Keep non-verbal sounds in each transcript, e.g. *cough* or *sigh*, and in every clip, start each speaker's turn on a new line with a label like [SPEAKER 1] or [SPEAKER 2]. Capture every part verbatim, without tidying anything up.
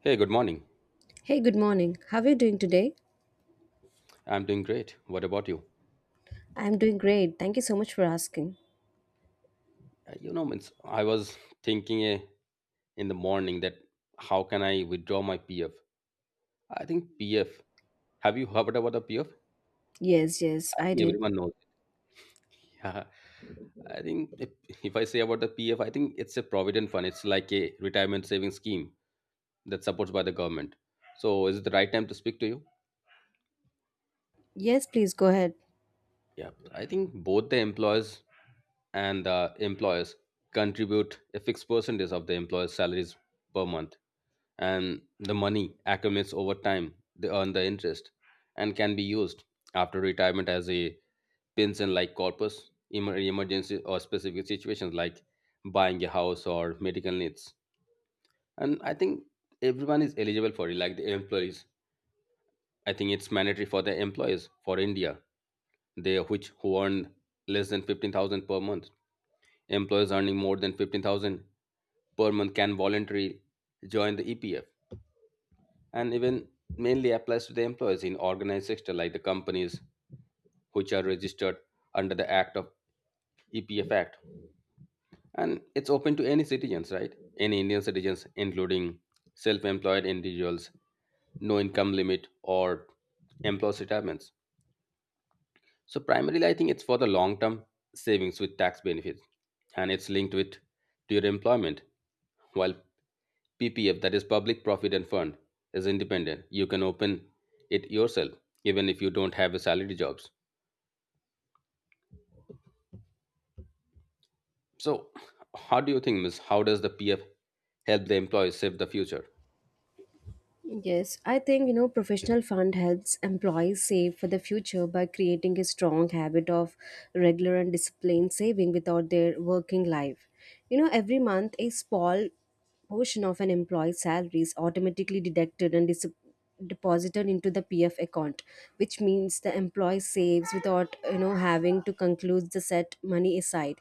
[SPEAKER 1] Hey, good morning.
[SPEAKER 2] Hey, good morning. How are you doing today?
[SPEAKER 1] I'm doing great. What about you?
[SPEAKER 2] I'm doing great. Thank you so much for asking.
[SPEAKER 1] Uh, You know, means I was thinking eh, in the morning that how can I withdraw my P F? I think P F. Have you heard about the P F?
[SPEAKER 2] Yes, yes,
[SPEAKER 1] I
[SPEAKER 2] I
[SPEAKER 1] think
[SPEAKER 2] did.
[SPEAKER 1] everyone knows. *laughs* Yeah. I think if, if I say about the P F, I think it's a provident fund. It's like a retirement saving scheme that's supported by the government. So, is it the right time to speak to you?
[SPEAKER 2] Yes, please go ahead.
[SPEAKER 1] Yeah. I think both the employers and the employers contribute a fixed percentage of the employer's salaries per month, and the money accumulates over time. They earn the interest and can be used after retirement as a pension like corpus, emer- emergency, or specific situations like buying a house or medical needs. And I think everyone is eligible for it, like the employees. I think it's mandatory for the employees for India, they which who earn less than fifteen thousand per month. Employees earning more than fifteen thousand per month can voluntarily join the EPF. And even mainly applies to the employees in organized sector like the companies which are registered under the act of EPF act. And it's open to any citizens, right? Any Indian citizens including self-employed individuals, no income limit or employees retirements. So primarily I think it's for the long-term savings with tax benefits, and it's linked with to your employment. While P P F, that is Public Provident Fund, is independent. You can open it yourself, even if you don't have a salary jobs. So, how do you think, Miss? How does the P F help the employees save the future?
[SPEAKER 2] Yes, I think you know professional fund helps employees save for the future by creating a strong habit of regular and disciplined saving without their working life. You know, every month a small portion of an employee's salary is automatically deducted and dis- deposited into the P F account, which means the employee saves without you know having to conclude the set money aside.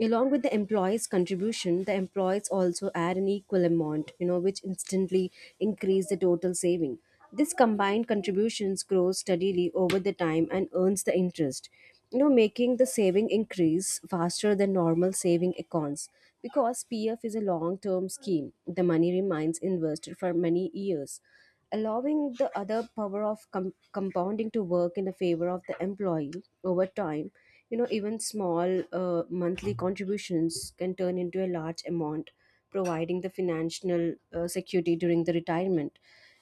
[SPEAKER 2] Along with the employee's contribution, the employees also add an equal amount, you know, which instantly increase the total saving. This combined contributions grows steadily over the time and earns the interest, you know, making the saving increase faster than normal saving accounts. Because P F is a long-term scheme, the money remains invested for many years, allowing the other power of com- compounding to work in the favor of the employee over time. You know, even small uh, monthly contributions can turn into a large amount providing the financial uh, security during the retirement.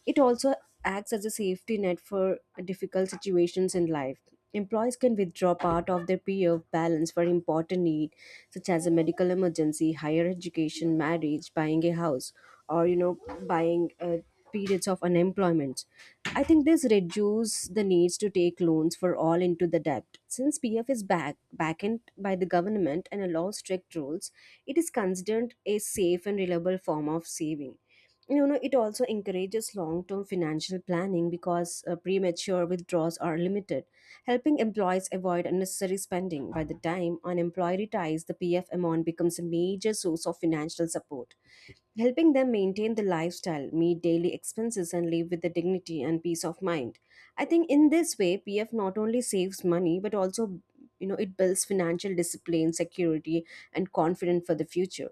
[SPEAKER 2] It also acts as a safety net for difficult situations in life. Employees can withdraw part of their P F balance for important needs such as a medical emergency, higher education, marriage, buying a house, or you know, buying a periods of unemployment. I think this reduces the needs to take loans for all into the debt. Since P F is back backed by the government and allows strict rules, it is considered a safe and reliable form of saving. You know, it also encourages long-term financial planning because uh, premature withdrawals are limited, helping employees avoid unnecessary spending. By the time unemployed retires, the P F amount becomes a major source of financial support helping them maintain the lifestyle, meet daily expenses, and live with the dignity and peace of mind. I think in this way, P F not only saves money but also you know it builds financial discipline, security, and confidence for the future.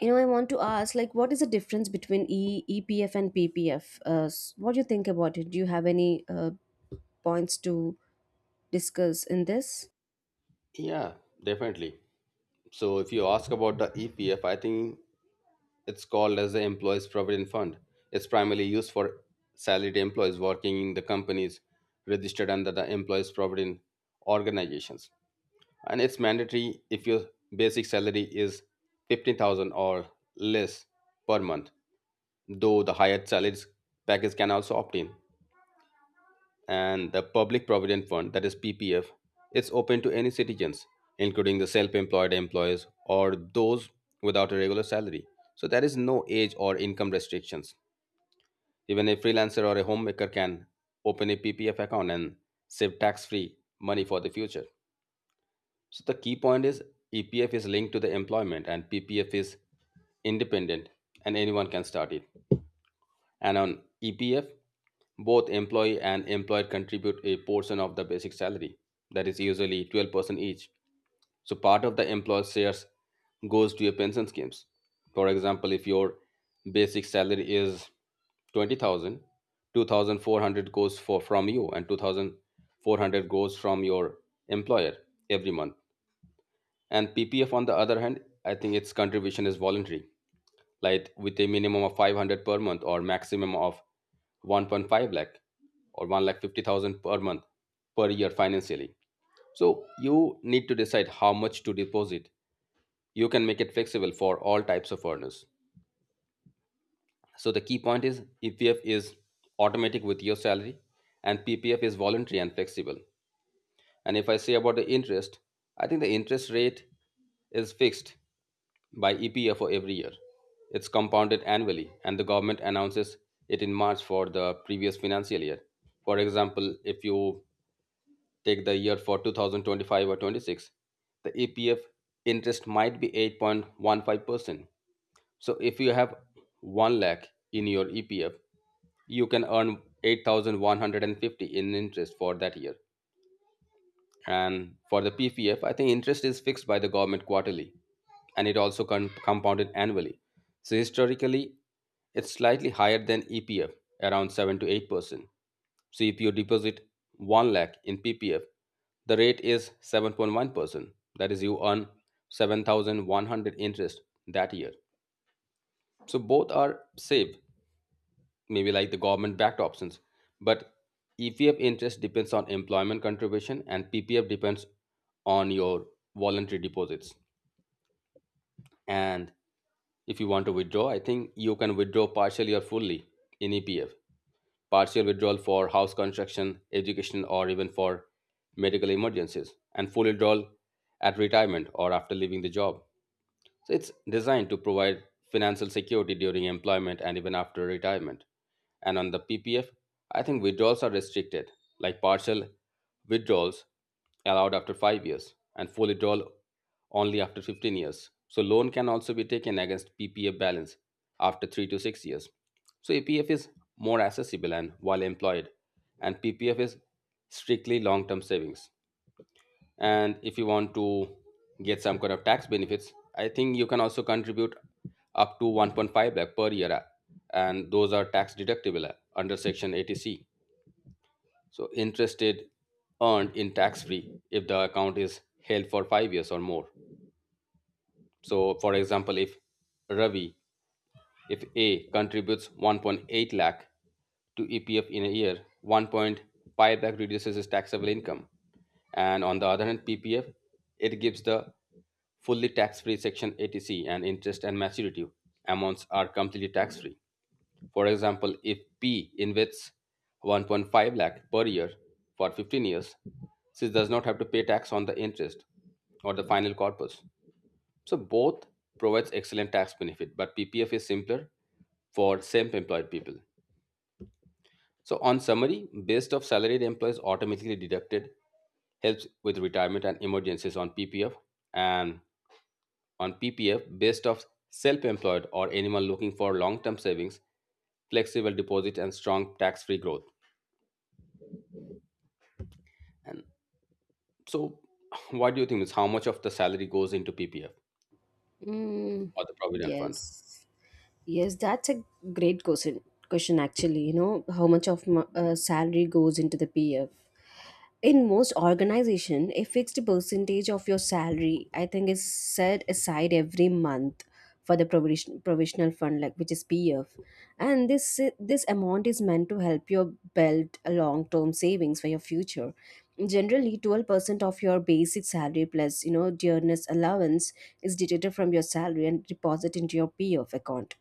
[SPEAKER 2] You know, I want to ask, like, what is the difference between e- EPF and P P F? Uh, s- what do you think about it? Do you have any uh, points to discuss in this?
[SPEAKER 1] Yeah, definitely. So, if you ask about the E P F, I think it's called as the Employees Provident Fund. It's primarily used for salaried employees working in the companies registered under the Employees Provident Organizations. And it's mandatory if your basic salary is fifteen thousand or less per month, though the higher salaries package can also opt in. And the public provident fund, that is PPF, it's open to any citizens including the self-employed employees or those without a regular salary. So there is no age or income restrictions. Even a freelancer or a homemaker can open a PPF account and save tax-free money for the future. So the key point is E P F is linked to the employment and P P F is independent and anyone can start it. And on E P F, both employee and employer contribute a portion of the basic salary, that is usually twelve percent each. So part of the employer's shares goes to your pension schemes. For example, if your basic salary is twenty thousand, two thousand four hundred goes for from you and two thousand four hundred goes from your employer every month. And P P F, on the other hand, I think its contribution is voluntary, like with a minimum of five hundred per month or maximum of one point five lakh or one lakh fifty thousand per month per year financially. So you need to decide how much to deposit. You can make it flexible for all types of earners. So the key point is E P F is automatic with your salary and P P F is voluntary and flexible. And if I say about the interest, I think the interest rate is fixed by E P A for every year. It's compounded annually, and the government announces it in March for the previous financial year. For example, if you take the year for two thousand twenty-five or twenty-six, the E P F interest might be eight point one five percent. So if you have one lakh in your E P F, you can earn eight thousand one hundred fifty in interest for that year. And for the P P F, I think interest is fixed by the government quarterly and it also con- compounded annually. So historically, it's slightly higher than E P F, around seven to eight percent. So if you deposit one lakh in P P F, the rate is seven point one percent. That is, you earn seven thousand one hundred interest that year. So both are safe, maybe like the government backed options. But E P F interest depends on employment contribution and P P F depends on your voluntary deposits. And if you want to withdraw, I think you can withdraw partially or fully in E P F. Partial withdrawal for house construction, education, or even for medical emergencies, and full withdrawal at retirement or after leaving the job. So it's designed to provide financial security during employment and even after retirement. And on the P P F, I think withdrawals are restricted, like partial withdrawals allowed after five years and full withdrawal only after fifteen years. So loan can also be taken against P P F balance after three to six years. So P P F is more accessible and while employed, and P P F is strictly long-term savings. And if you want to get some kind of tax benefits, I think you can also contribute up to one point five lakh per year, uh, and those are tax deductible uh, under section eighty c. So interest is earned in tax free if the account is held for five years or more. So for example, if Ravi, if A contributes one point eight lakh to E P F in a year, one point five lakh reduces his taxable income. And on the other hand, P P F, it gives the fully tax-free Section eighty c, and interest and maturity amounts are completely tax-free. For example, if P invests one point five lakh per year for fifteen years, she does not have to pay tax on the interest or the final corpus. So both provides excellent tax benefit, but P P F is simpler for self-employed people. So on summary, based of salaried employees automatically deducted helps with retirement and emergencies on P P F, and on P P F based of self-employed or anyone looking for long-term savings, flexible deposit and strong tax-free growth. And so *laughs* *sighs* what do you think is how much of the salary goes into P P F
[SPEAKER 2] Mm,
[SPEAKER 1] or the provident fund?
[SPEAKER 2] yes. Yes, that's a great question. Question actually, you know how much of my, uh, salary goes into the P F. In most organization, a fixed percentage of your salary, I think, is set aside every month for the provision, provisional fund, like which is P F, and this this amount is meant to help you build a long term savings for your future. Generally, twelve percent of your basic salary plus you know dearness allowance is deducted from your salary and deposited into your P F account.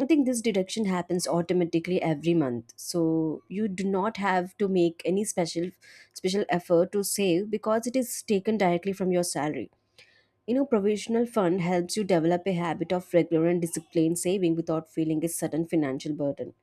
[SPEAKER 2] I think this deduction happens automatically every month. So you do not have to make any special special effort to save because it is taken directly from your salary. You know, provisional fund helps you develop a habit of regular and disciplined saving without feeling a sudden financial burden.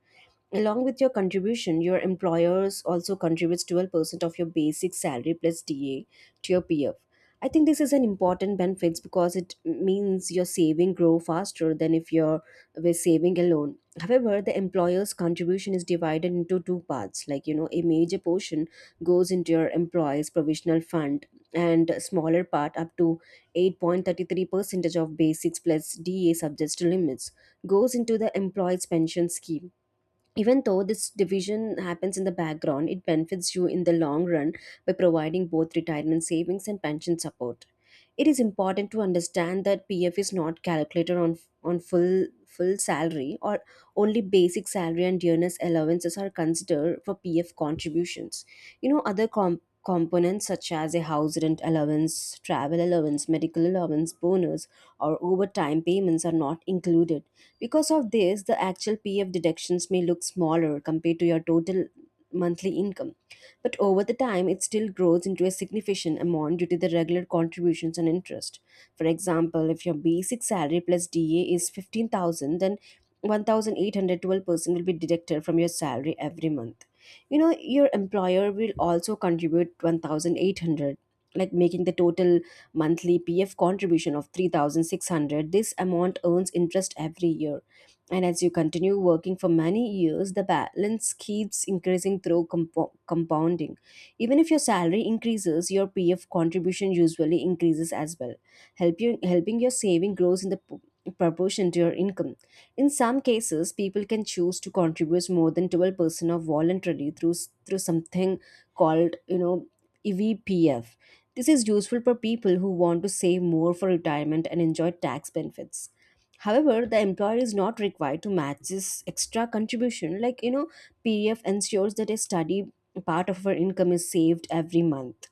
[SPEAKER 2] Along with your contribution, your employers also contributes twelve percent of your basic salary plus D A to your P F. I think this is an important benefit because it means your saving grow faster than if you're were saving alone. However, the employer's contribution is divided into two parts. Like you know, a major portion goes into your employee's provisional fund, and a smaller part up to eight point three three percentage of basics plus D A subject to limits goes into the employee's pension scheme. Even though this division happens in the background, it benefits you in the long run by providing both retirement savings and pension support. It is important to understand that P F is not calculated on on full full salary or only basic salary and dearness allowances are considered for P F contributions. You know other com- components such as a house rent allowance, travel allowance, medical allowance, bonus or overtime payments are not included. Because of this, the actual P F deductions may look smaller compared to your total monthly income. But over the time, it still grows into a significant amount due to the regular contributions and interest. For example, if your basic salary plus D A is fifteen thousand, then one thousand eight hundred twelve percent will be deducted from your salary every month. You know, your employer will also contribute one thousand eight hundred, like making the total monthly P F contribution of thirty-six hundred. This amount earns interest every year, and as you continue working for many years the balance keeps increasing through compo- compounding. Even if your salary increases your P F contribution usually increases as well, help you, helping your saving grows in the p- proportion to your income. In some cases, people can choose to contribute more than twelve percent of voluntarily through s- through something called, you know, E V P F. This is useful for people who want to save more for retirement and enjoy tax benefits. However, the employer is not required to match this extra contribution. Like, you know, P F ensures that a study part of our income is saved every month,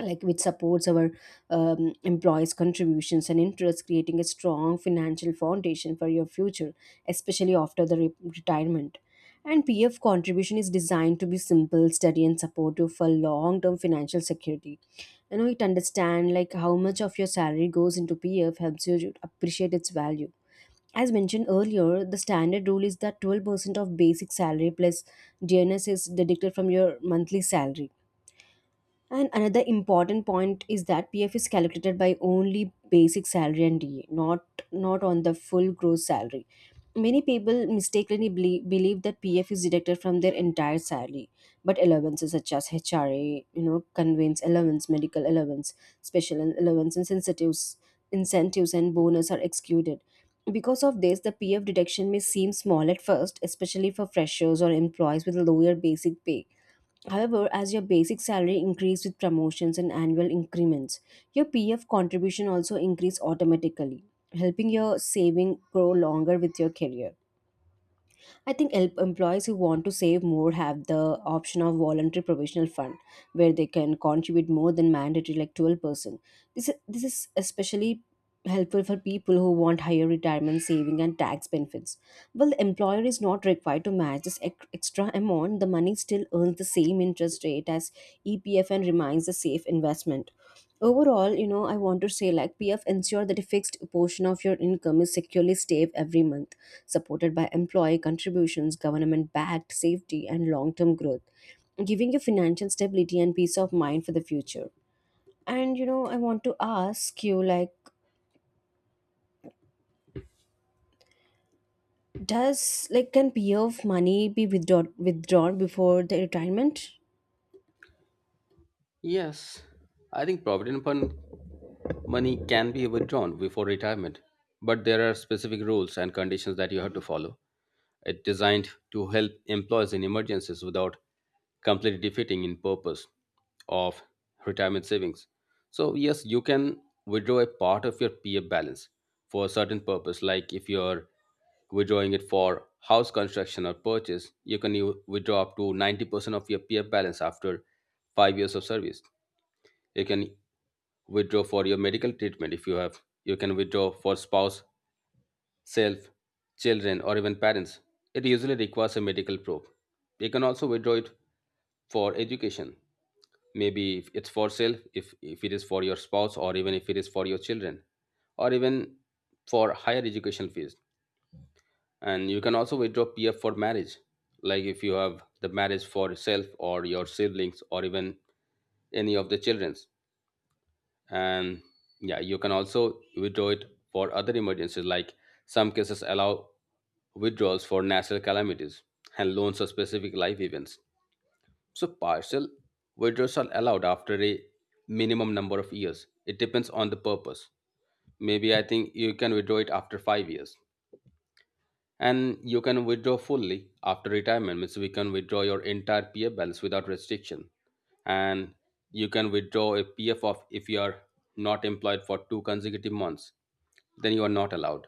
[SPEAKER 2] like which supports our um, employees contributions and interests, creating a strong financial foundation for your future, especially after the re- retirement. And PF contribution is designed to be simple, steady, and supportive for long term financial security. You know, it understand like how much of your salary goes into PF helps you to appreciate its value. As mentioned earlier, the standard rule is that twelve percent of basic salary plus D N S is deducted from your monthly salary. And another important point is that P F is calculated by only basic salary and D A, not not on the full gross salary. Many people mistakenly believe, believe that P F is deducted from their entire salary, but allowances such as H R A, you know, conveyance allowance, medical allowance, special allowance, and incentives, incentives and bonus are excluded. Because of this, the P F deduction may seem small at first, especially for freshers or employees with lower basic pay. However, as your basic salary increased with promotions and annual increments, your P F contribution also increased automatically, helping your saving grow longer with your career. I think el- employees who want to save more have the option of voluntary provisional fund, where they can contribute more than mandatory like twelve percent. This is, this is especially helpful for people who want higher retirement saving and tax benefits. Well, the employer is not required to match this ec- extra amount, the money still earns the same interest rate as E P F and remains a safe investment. Overall, you know, I want to say like P F ensure that a fixed portion of your income is securely saved every month, supported by employee contributions, government backed safety, and long term growth, giving you financial stability and peace of mind for the future. And you know, I want to ask you like, does like can P F money be withdrawn withdrawn before the retirement?
[SPEAKER 1] Yes, I think provident fund Money can be withdrawn before retirement, but there are specific rules and conditions that you have to follow. It's designed to help employees in emergencies without completely defeating in purpose of retirement savings. So yes, you can withdraw a part of your P F balance for a certain purpose, like if you're withdrawing it for house construction or purchase, you can u- withdraw up to ninety percent of your P F balance after five years of service. You can withdraw for your medical treatment. If you have, you can withdraw for spouse, self, children, or even parents. It usually requires a medical proof. You can also withdraw it for education, maybe if it's for self, if, if it is for your spouse or even if it is for your children, or even for higher education fees. And you can also withdraw PF for marriage, like if you have the marriage for yourself or your siblings or even any of the children's. And yeah, you can also withdraw it for other emergencies, like some cases allow withdrawals for natural calamities and loans for specific life events. So partial withdrawals are allowed after a minimum number of years, it depends on the purpose. Maybe I think you can withdraw it after five years. And you can withdraw fully after retirement means we can withdraw your entire PF balance without restriction. And you can withdraw a PF of if you are not employed for two consecutive months, then you are not allowed.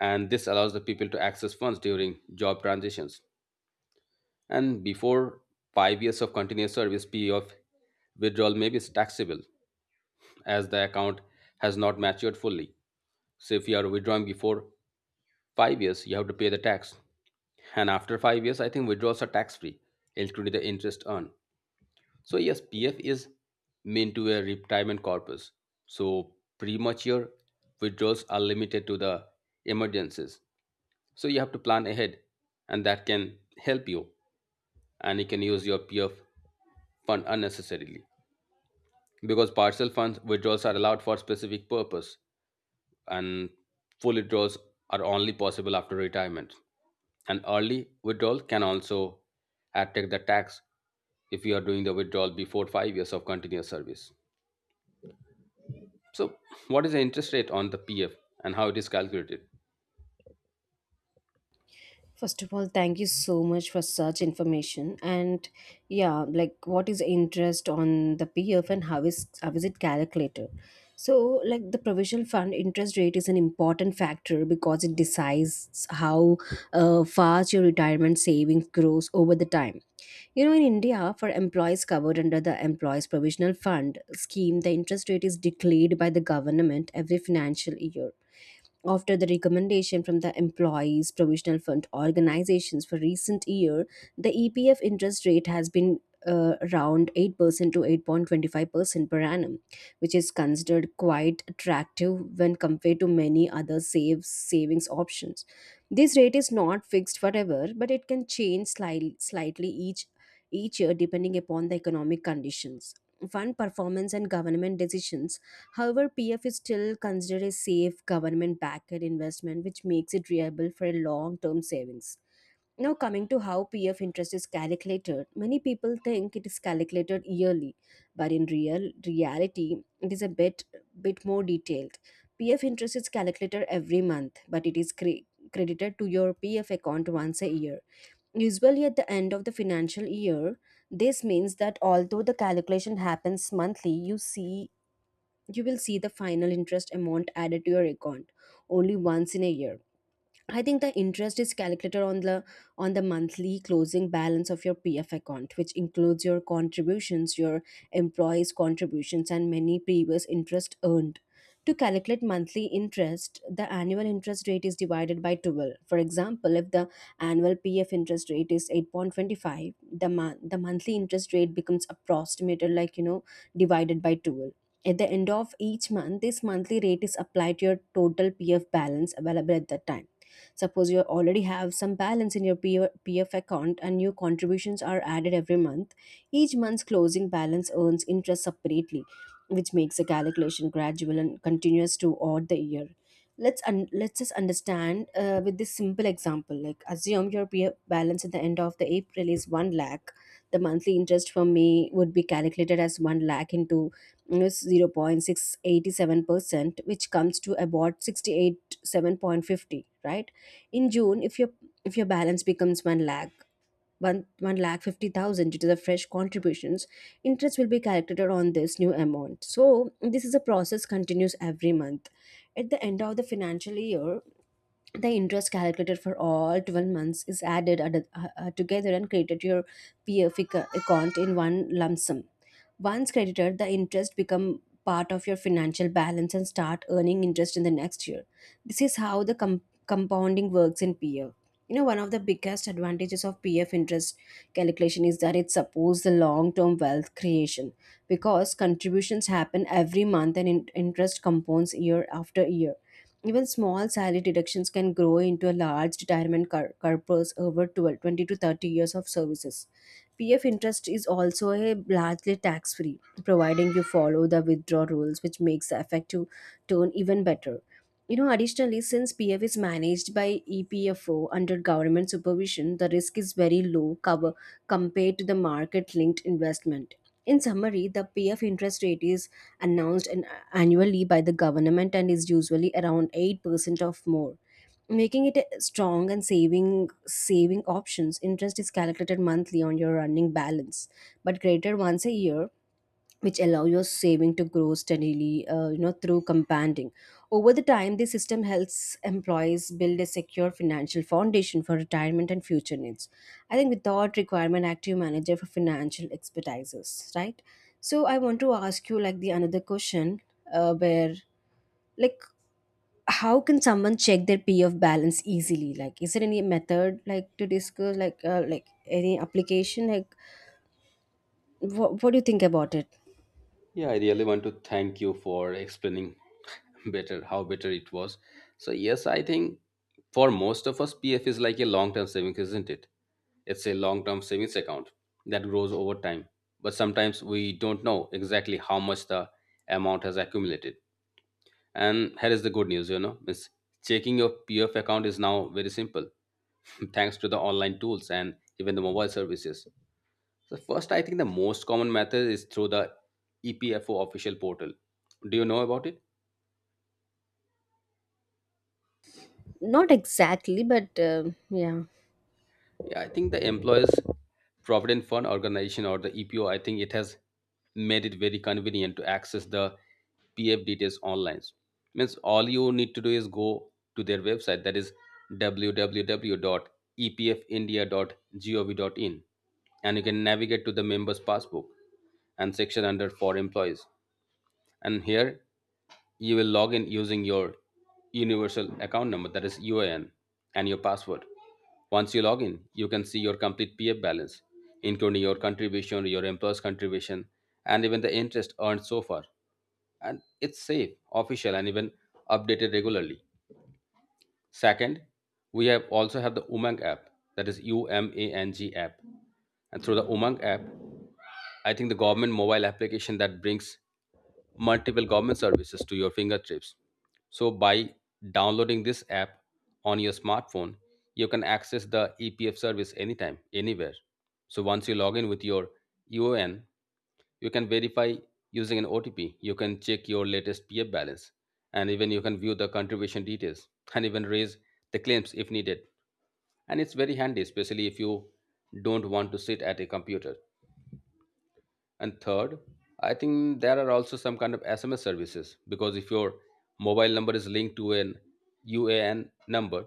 [SPEAKER 1] And this allows the people to access funds during job transitions. And before five years of continuous service, PF withdrawal may be taxable as the account has not matured fully. So if you are withdrawing before five years, you have to pay the tax. And after five years, I think withdrawals are tax free, including the interest earned. So, yes, P F is meant to a retirement corpus. So, premature withdrawals are limited to the emergencies. So, you have to plan ahead, and that can help you. And you can use your P F fund unnecessarily because partial funds withdrawals are allowed for specific purpose, and full withdrawals are only possible after retirement. And early withdrawal can also attack the tax if you are doing the withdrawal before five years of continuous service. So, what is the interest rate on the P F and how it is calculated?
[SPEAKER 2] First of all, thank you so much for such information. And yeah, like what is interest on the P F and how is how is it calculated? So, like the provisional fund interest rate is an important factor because it decides how uh, fast your retirement savings grows over the time. You know, in India, for employees covered under the Employees Provisional Fund scheme, the interest rate is declared by the government every financial year after the recommendation from the employees provisional fund organizations. For recent year the EPF interest rate has been uh, around eight percent to eight point two five percent per annum, which is considered quite attractive when compared to many other save savings options. This rate is not fixed forever but it can change slightly, slightly each each year depending upon the economic conditions, fund performance and government decisions. However, P F is still considered a safe government backed investment, which makes it reliable for a long term savings. Now, coming to how P F interest is calculated, many people think it is calculated yearly, but in real reality, it is a bit bit more detailed. P F interest is calculated every month, but it is cre- credited to your P F account once a year. Usually at the end of the financial year, this means that although the calculation happens monthly, you see you will see the final interest amount added to your account only once in a year. I think the interest is calculated on the on the monthly closing balance of your P F account, which includes your contributions, your employees' contributions, and many previous interest earned. To calculate monthly interest, the annual interest rate is divided by twelve. For example, if the annual P F interest rate is eight point two five, the mon- the monthly interest rate becomes approximated like you know divided by twelve. At the end of each month, this monthly rate is applied to your total P F balance available at that time. Suppose you already have some balance in your P F P F account and new contributions are added every month. Each month's closing balance earns interest separately, which makes the calculation gradual and continuous throughout the year. Let's un- let's just understand uh, with this simple example. Like, assume your P F balance at the end of the April is one lakh. The monthly interest for me would be calculated as one lakh into you know, zero point six eight seven percent, which comes to about sixty eight seven point fifty, right? In June, if your if your balance becomes 1 lakh 1 1 lakh fifty thousand due to the fresh contributions. Interest will be calculated on this new amount, so this is a process continues every month. At the end of the financial year, the interest calculated for all twelve months is added ad- uh, uh, together and credited to your P F ac- account in one lump sum. Once credited, the interest become part of your financial balance and start earning interest in the next year. This is how the com- compounding works in P F. You know, one of the biggest advantages of P F interest calculation is that it supports the long-term wealth creation, because contributions happen every month and in- interest compounds year after year. Even small salary deductions can grow into a large retirement cor- corpus over twelve, twenty to thirty years of services. P F interest is also a largely tax free, providing you follow the withdrawal rules, which makes the effective turn even better. You know, additionally, since P F is managed by E P F O under government supervision, the risk is very low cover compared to the market linked investment. In summary, the P F interest rate is announced annually by the government and is usually around eight percent of more, making it a strong and saving saving options. Interest is calculated monthly on your running balance but greater once a year, which allow your saving to grow steadily uh, you know through compounding. Over the time, this system helps employees build a secure financial foundation for retirement and future needs. I think, without requirement active manager for financial expertises, right? So I want to ask you, like, the another question. Uh, where, like, how can someone check their PF balance easily? Like, is there any method, like, to discuss, like, uh, like any application, like what, what do you think about it?
[SPEAKER 1] Yeah, I really want to thank you for explaining *laughs* better how better it was. So, yes, I think for most of us, P F is like a long term savings, isn't it? It's a long term savings account that grows over time. But sometimes we don't know exactly how much the amount has accumulated. And here is the good news, you know, is checking your P F account is now very simple *laughs* thanks to the online tools and even the mobile services. So first, I think the most common method is through the E P F O official portal. Do you know about it?
[SPEAKER 2] Not exactly, but um yeah.
[SPEAKER 1] Yeah, I think the Employees Provident Fund organization or the E P O, I think it has made it very convenient to access the P F details online. Means all you need to do is go to their website, that is w w w dot e p f india dot gov dot in, and you can navigate to the members passbook and section under for employees. And here you will log in using your universal account number, that is U A N, and your password. Once you log in, you can see your complete P F balance, including your contribution, your employer's contribution, and even the interest earned so far. And it's safe, official, and even updated regularly. Second, we have also have the Umang app, that is U M A N G app. And through the Umang app, I think the government mobile application that brings multiple government services to your fingertips. So by downloading this app on your smartphone, you can access the E P F service anytime, anywhere. So once you log in with your U O N, you can verify using an O T P. You can check your latest P F balance, and even you can view the contribution details and even raise the claims if needed. And it's very handy, especially if you don't want to sit at a computer. And third, I think there are also some kind of S M S services because if your mobile number is linked to an U A N number,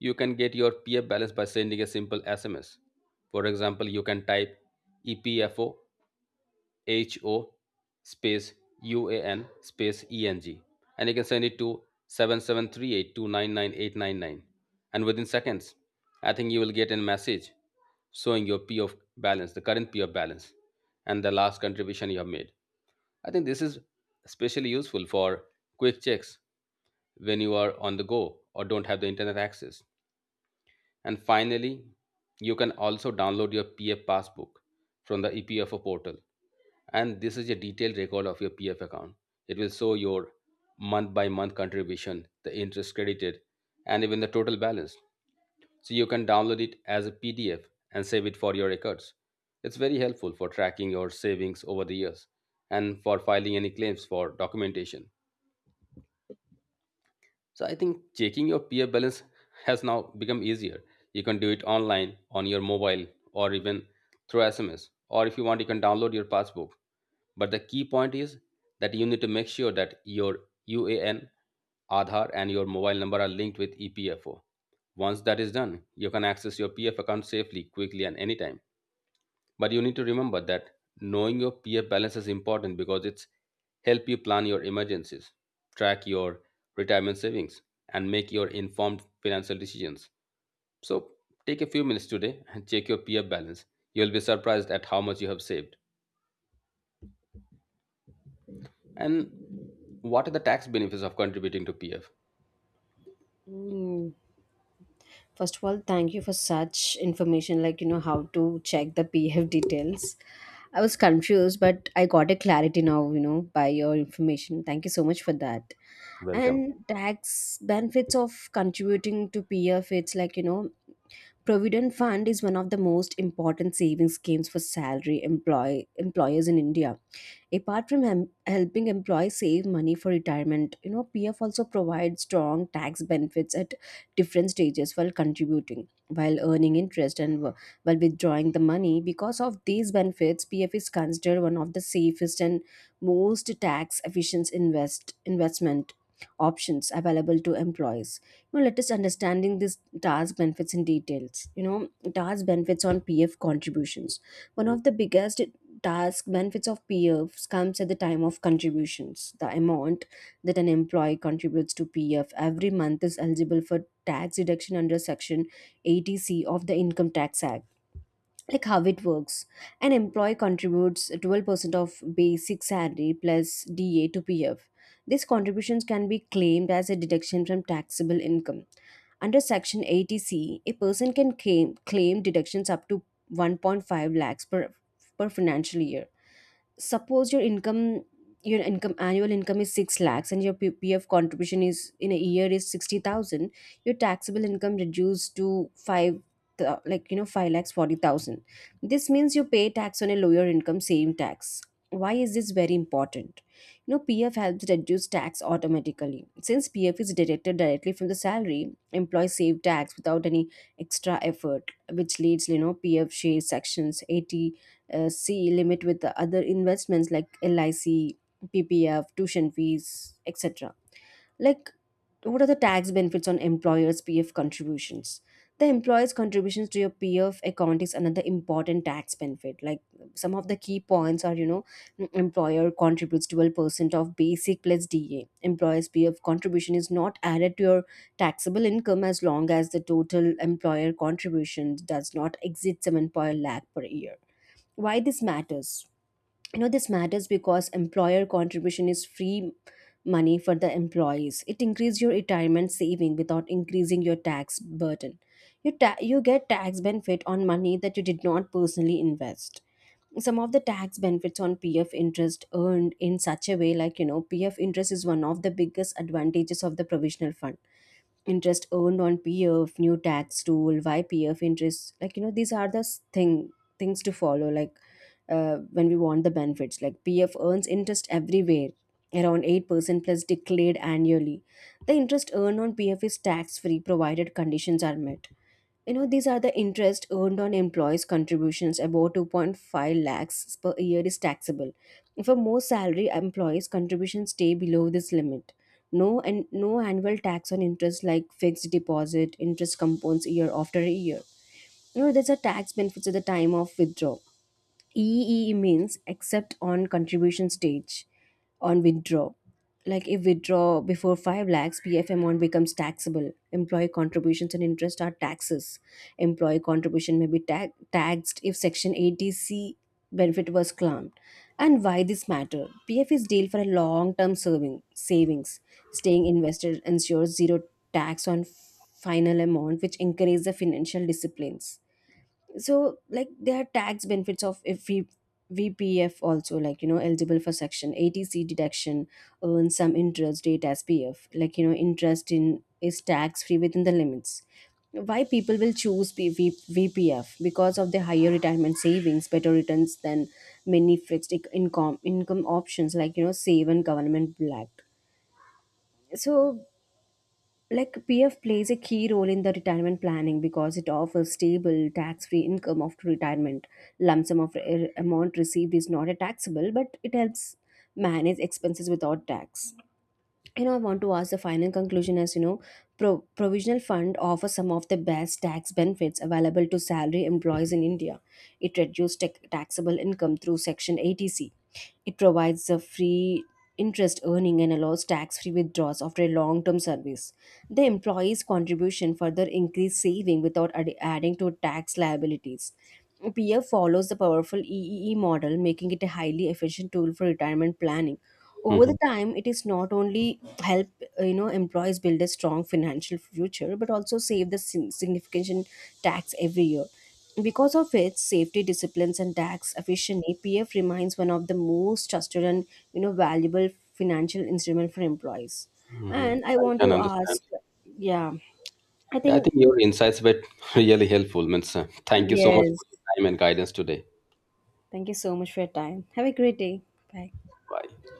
[SPEAKER 1] you can get your P F balance by sending a simple S M S. For example, you can type E P F O H O space U A N space E N G. And you can send it to seven seven three eight two nine nine eight nine nine. And within seconds, I think you will get a message showing your P of balance, the current P of balance, and the last contribution you have made. I think this is especially useful for quick checks when you are on the go or don't have the internet access. And finally, you can also download your P F passbook from the E P F O portal, and this is a detailed record of your P F account. It will show your month by month contribution, the interest credited, and even the total balance. So you can download it as a P D F and save it for your records. It's very helpful for tracking your savings over the years and for filing any claims for documentation. So I think checking your P F balance has now become easier. You can do it online on your mobile or even through S M S. Or if you want, you can download your passbook. But the key point is that you need to make sure that your U A N, Aadhaar, and your mobile number are linked with E P F O. Once that is done, you can access your P F account safely, quickly, and anytime. But you need to remember that knowing your P F balance is important because it's help you plan your emergencies, track your retirement savings, and make your informed financial decisions. So take a few minutes today and check your P F balance. You'll be surprised at how much you have saved. And what are the tax benefits of contributing to P F?
[SPEAKER 2] Mm. First of all, thank you for such information, like you know how to check the P F details. I was confused, but I got a clarity now, You know by your information. Thank you so much for that.
[SPEAKER 1] Welcome.
[SPEAKER 2] And tax benefits of contributing to P F, it's like you know provident fund is one of the most important savings schemes for salary employ employers in India. Apart from hem- helping employees save money for retirement, you know PF also provides strong tax benefits at different stages, while contributing, while earning interest, and wh- while withdrawing the money. Because of these benefits, PF is considered one of the safest and most tax efficient invest investment options available to employees. You know, let us understanding this task benefits in details. You know task benefits on PF contributions. One of the biggest task benefits of PFs comes at the time of contributions. The amount that an employee contributes to PF every month is eligible for tax deduction under section eighty c of the income tax act. Like, how it works. An employee contributes twelve percent of basic salary plus DA to PF. These contributions can be claimed as a deduction from taxable income. Under section eighty c, a person can claim, claim deductions up to one point five lakhs per, per financial year. Suppose your income your income annual income is six lakhs and your P- PF contribution is in a year is sixty thousand. Your taxable income reduced to 5 th- like you know five lakhs forty thousand. This means you pay tax on a lower income, same tax. Why is this very important? you know PF helps reduce tax automatically. Since PF is deducted directly from the salary, employees save tax without any extra effort. Which leads, you know PF share sections eighty uh, C limit with the other investments like L I C, P P F, tuition fees, et cetera. Like, what are the tax benefits on employers' P F contributions? The employer's contributions to your P F account is another important tax benefit. Like, some of the key points are, you know, m- employer contributes twelve percent of basic plus D A. Employer's P F contribution is not added to your taxable income as long as the total employer contribution does not exceed 7.0 lakh per year. Why this matters? You know, this matters because employer contribution is free money for the employees. It increases your retirement saving without increasing your tax burden. You ta- you get tax benefit on money that you did not personally invest. Some of the tax benefits on P F interest earned in such a way, like you know P F interest is one of the biggest advantages of the provisional fund. Interest earned on P F new tax tool. Why P F interest, like you know these are the s- thing things to follow, like uh, when we want the benefits. Like, P F earns interest everywhere, around eight percent plus declared annually. The interest earned on P F is tax free provided conditions are met. You know, these are the interest earned on employees' contributions, about two point five lakhs per year is taxable. For most salary employees, contributions stay below this limit. No and no annual tax on interest, like fixed deposit, interest compounds year after year. You know, there's a tax benefits at the time of withdrawal. E E means except on contribution stage, on withdraw. Like, if withdraw before five lakhs, P F amount becomes taxable. Employee contributions and interest are taxes. Employee contribution may be tag- taxed if Section eighty c benefit was claimed. And why this matter? P F is deal for a long-term serving savings. Staying invested ensures zero tax on final amount, which encourages the financial disciplines. So like, there are tax benefits of if we V P F also, like you know eligible for section A T C deduction, earn some interest rate as P F. Like you know interest in is tax free within the limits. Why people will choose P- V- VPF, because of the higher retirement savings, better returns than many fixed inc- income income options, like you know save and government black. So like, P F plays a key role in the retirement planning because it offers stable tax-free income after retirement. Lump sum of re- amount received is not a taxable, but it helps manage expenses without tax. you know, I want to ask the final conclusion. As you know, pro- provisional fund offers some of the best tax benefits available to salary employees in India. It reduces tax- taxable income through Section eighty c. It provides a free interest earning and allows tax free withdrawals after a long term service. The employee's contribution further increases saving without ad- adding to tax liabilities. P F follows the powerful E E E model, making it a highly efficient tool for retirement planning. Over the
[SPEAKER 1] Mhm,
[SPEAKER 2] time, it is not only help uh, you know employees build a strong financial future but also save the sin- significant tax every year. Because of its safety disciplines and tax efficiency, PF remains one of the most trusted and you know valuable financial instrument for employees.
[SPEAKER 1] mhm.
[SPEAKER 2] And I
[SPEAKER 1] I
[SPEAKER 2] want
[SPEAKER 1] can
[SPEAKER 2] to
[SPEAKER 1] understand.
[SPEAKER 2] ask. Yeah. I
[SPEAKER 1] Yeah, I
[SPEAKER 2] think.
[SPEAKER 1] think your insights were *laughs* really helpful. Means, uh, thank you so much
[SPEAKER 2] Yes,
[SPEAKER 1] for your time and guidance today.
[SPEAKER 2] thank you so much for your time. Have a great day. Bye.
[SPEAKER 1] Bye.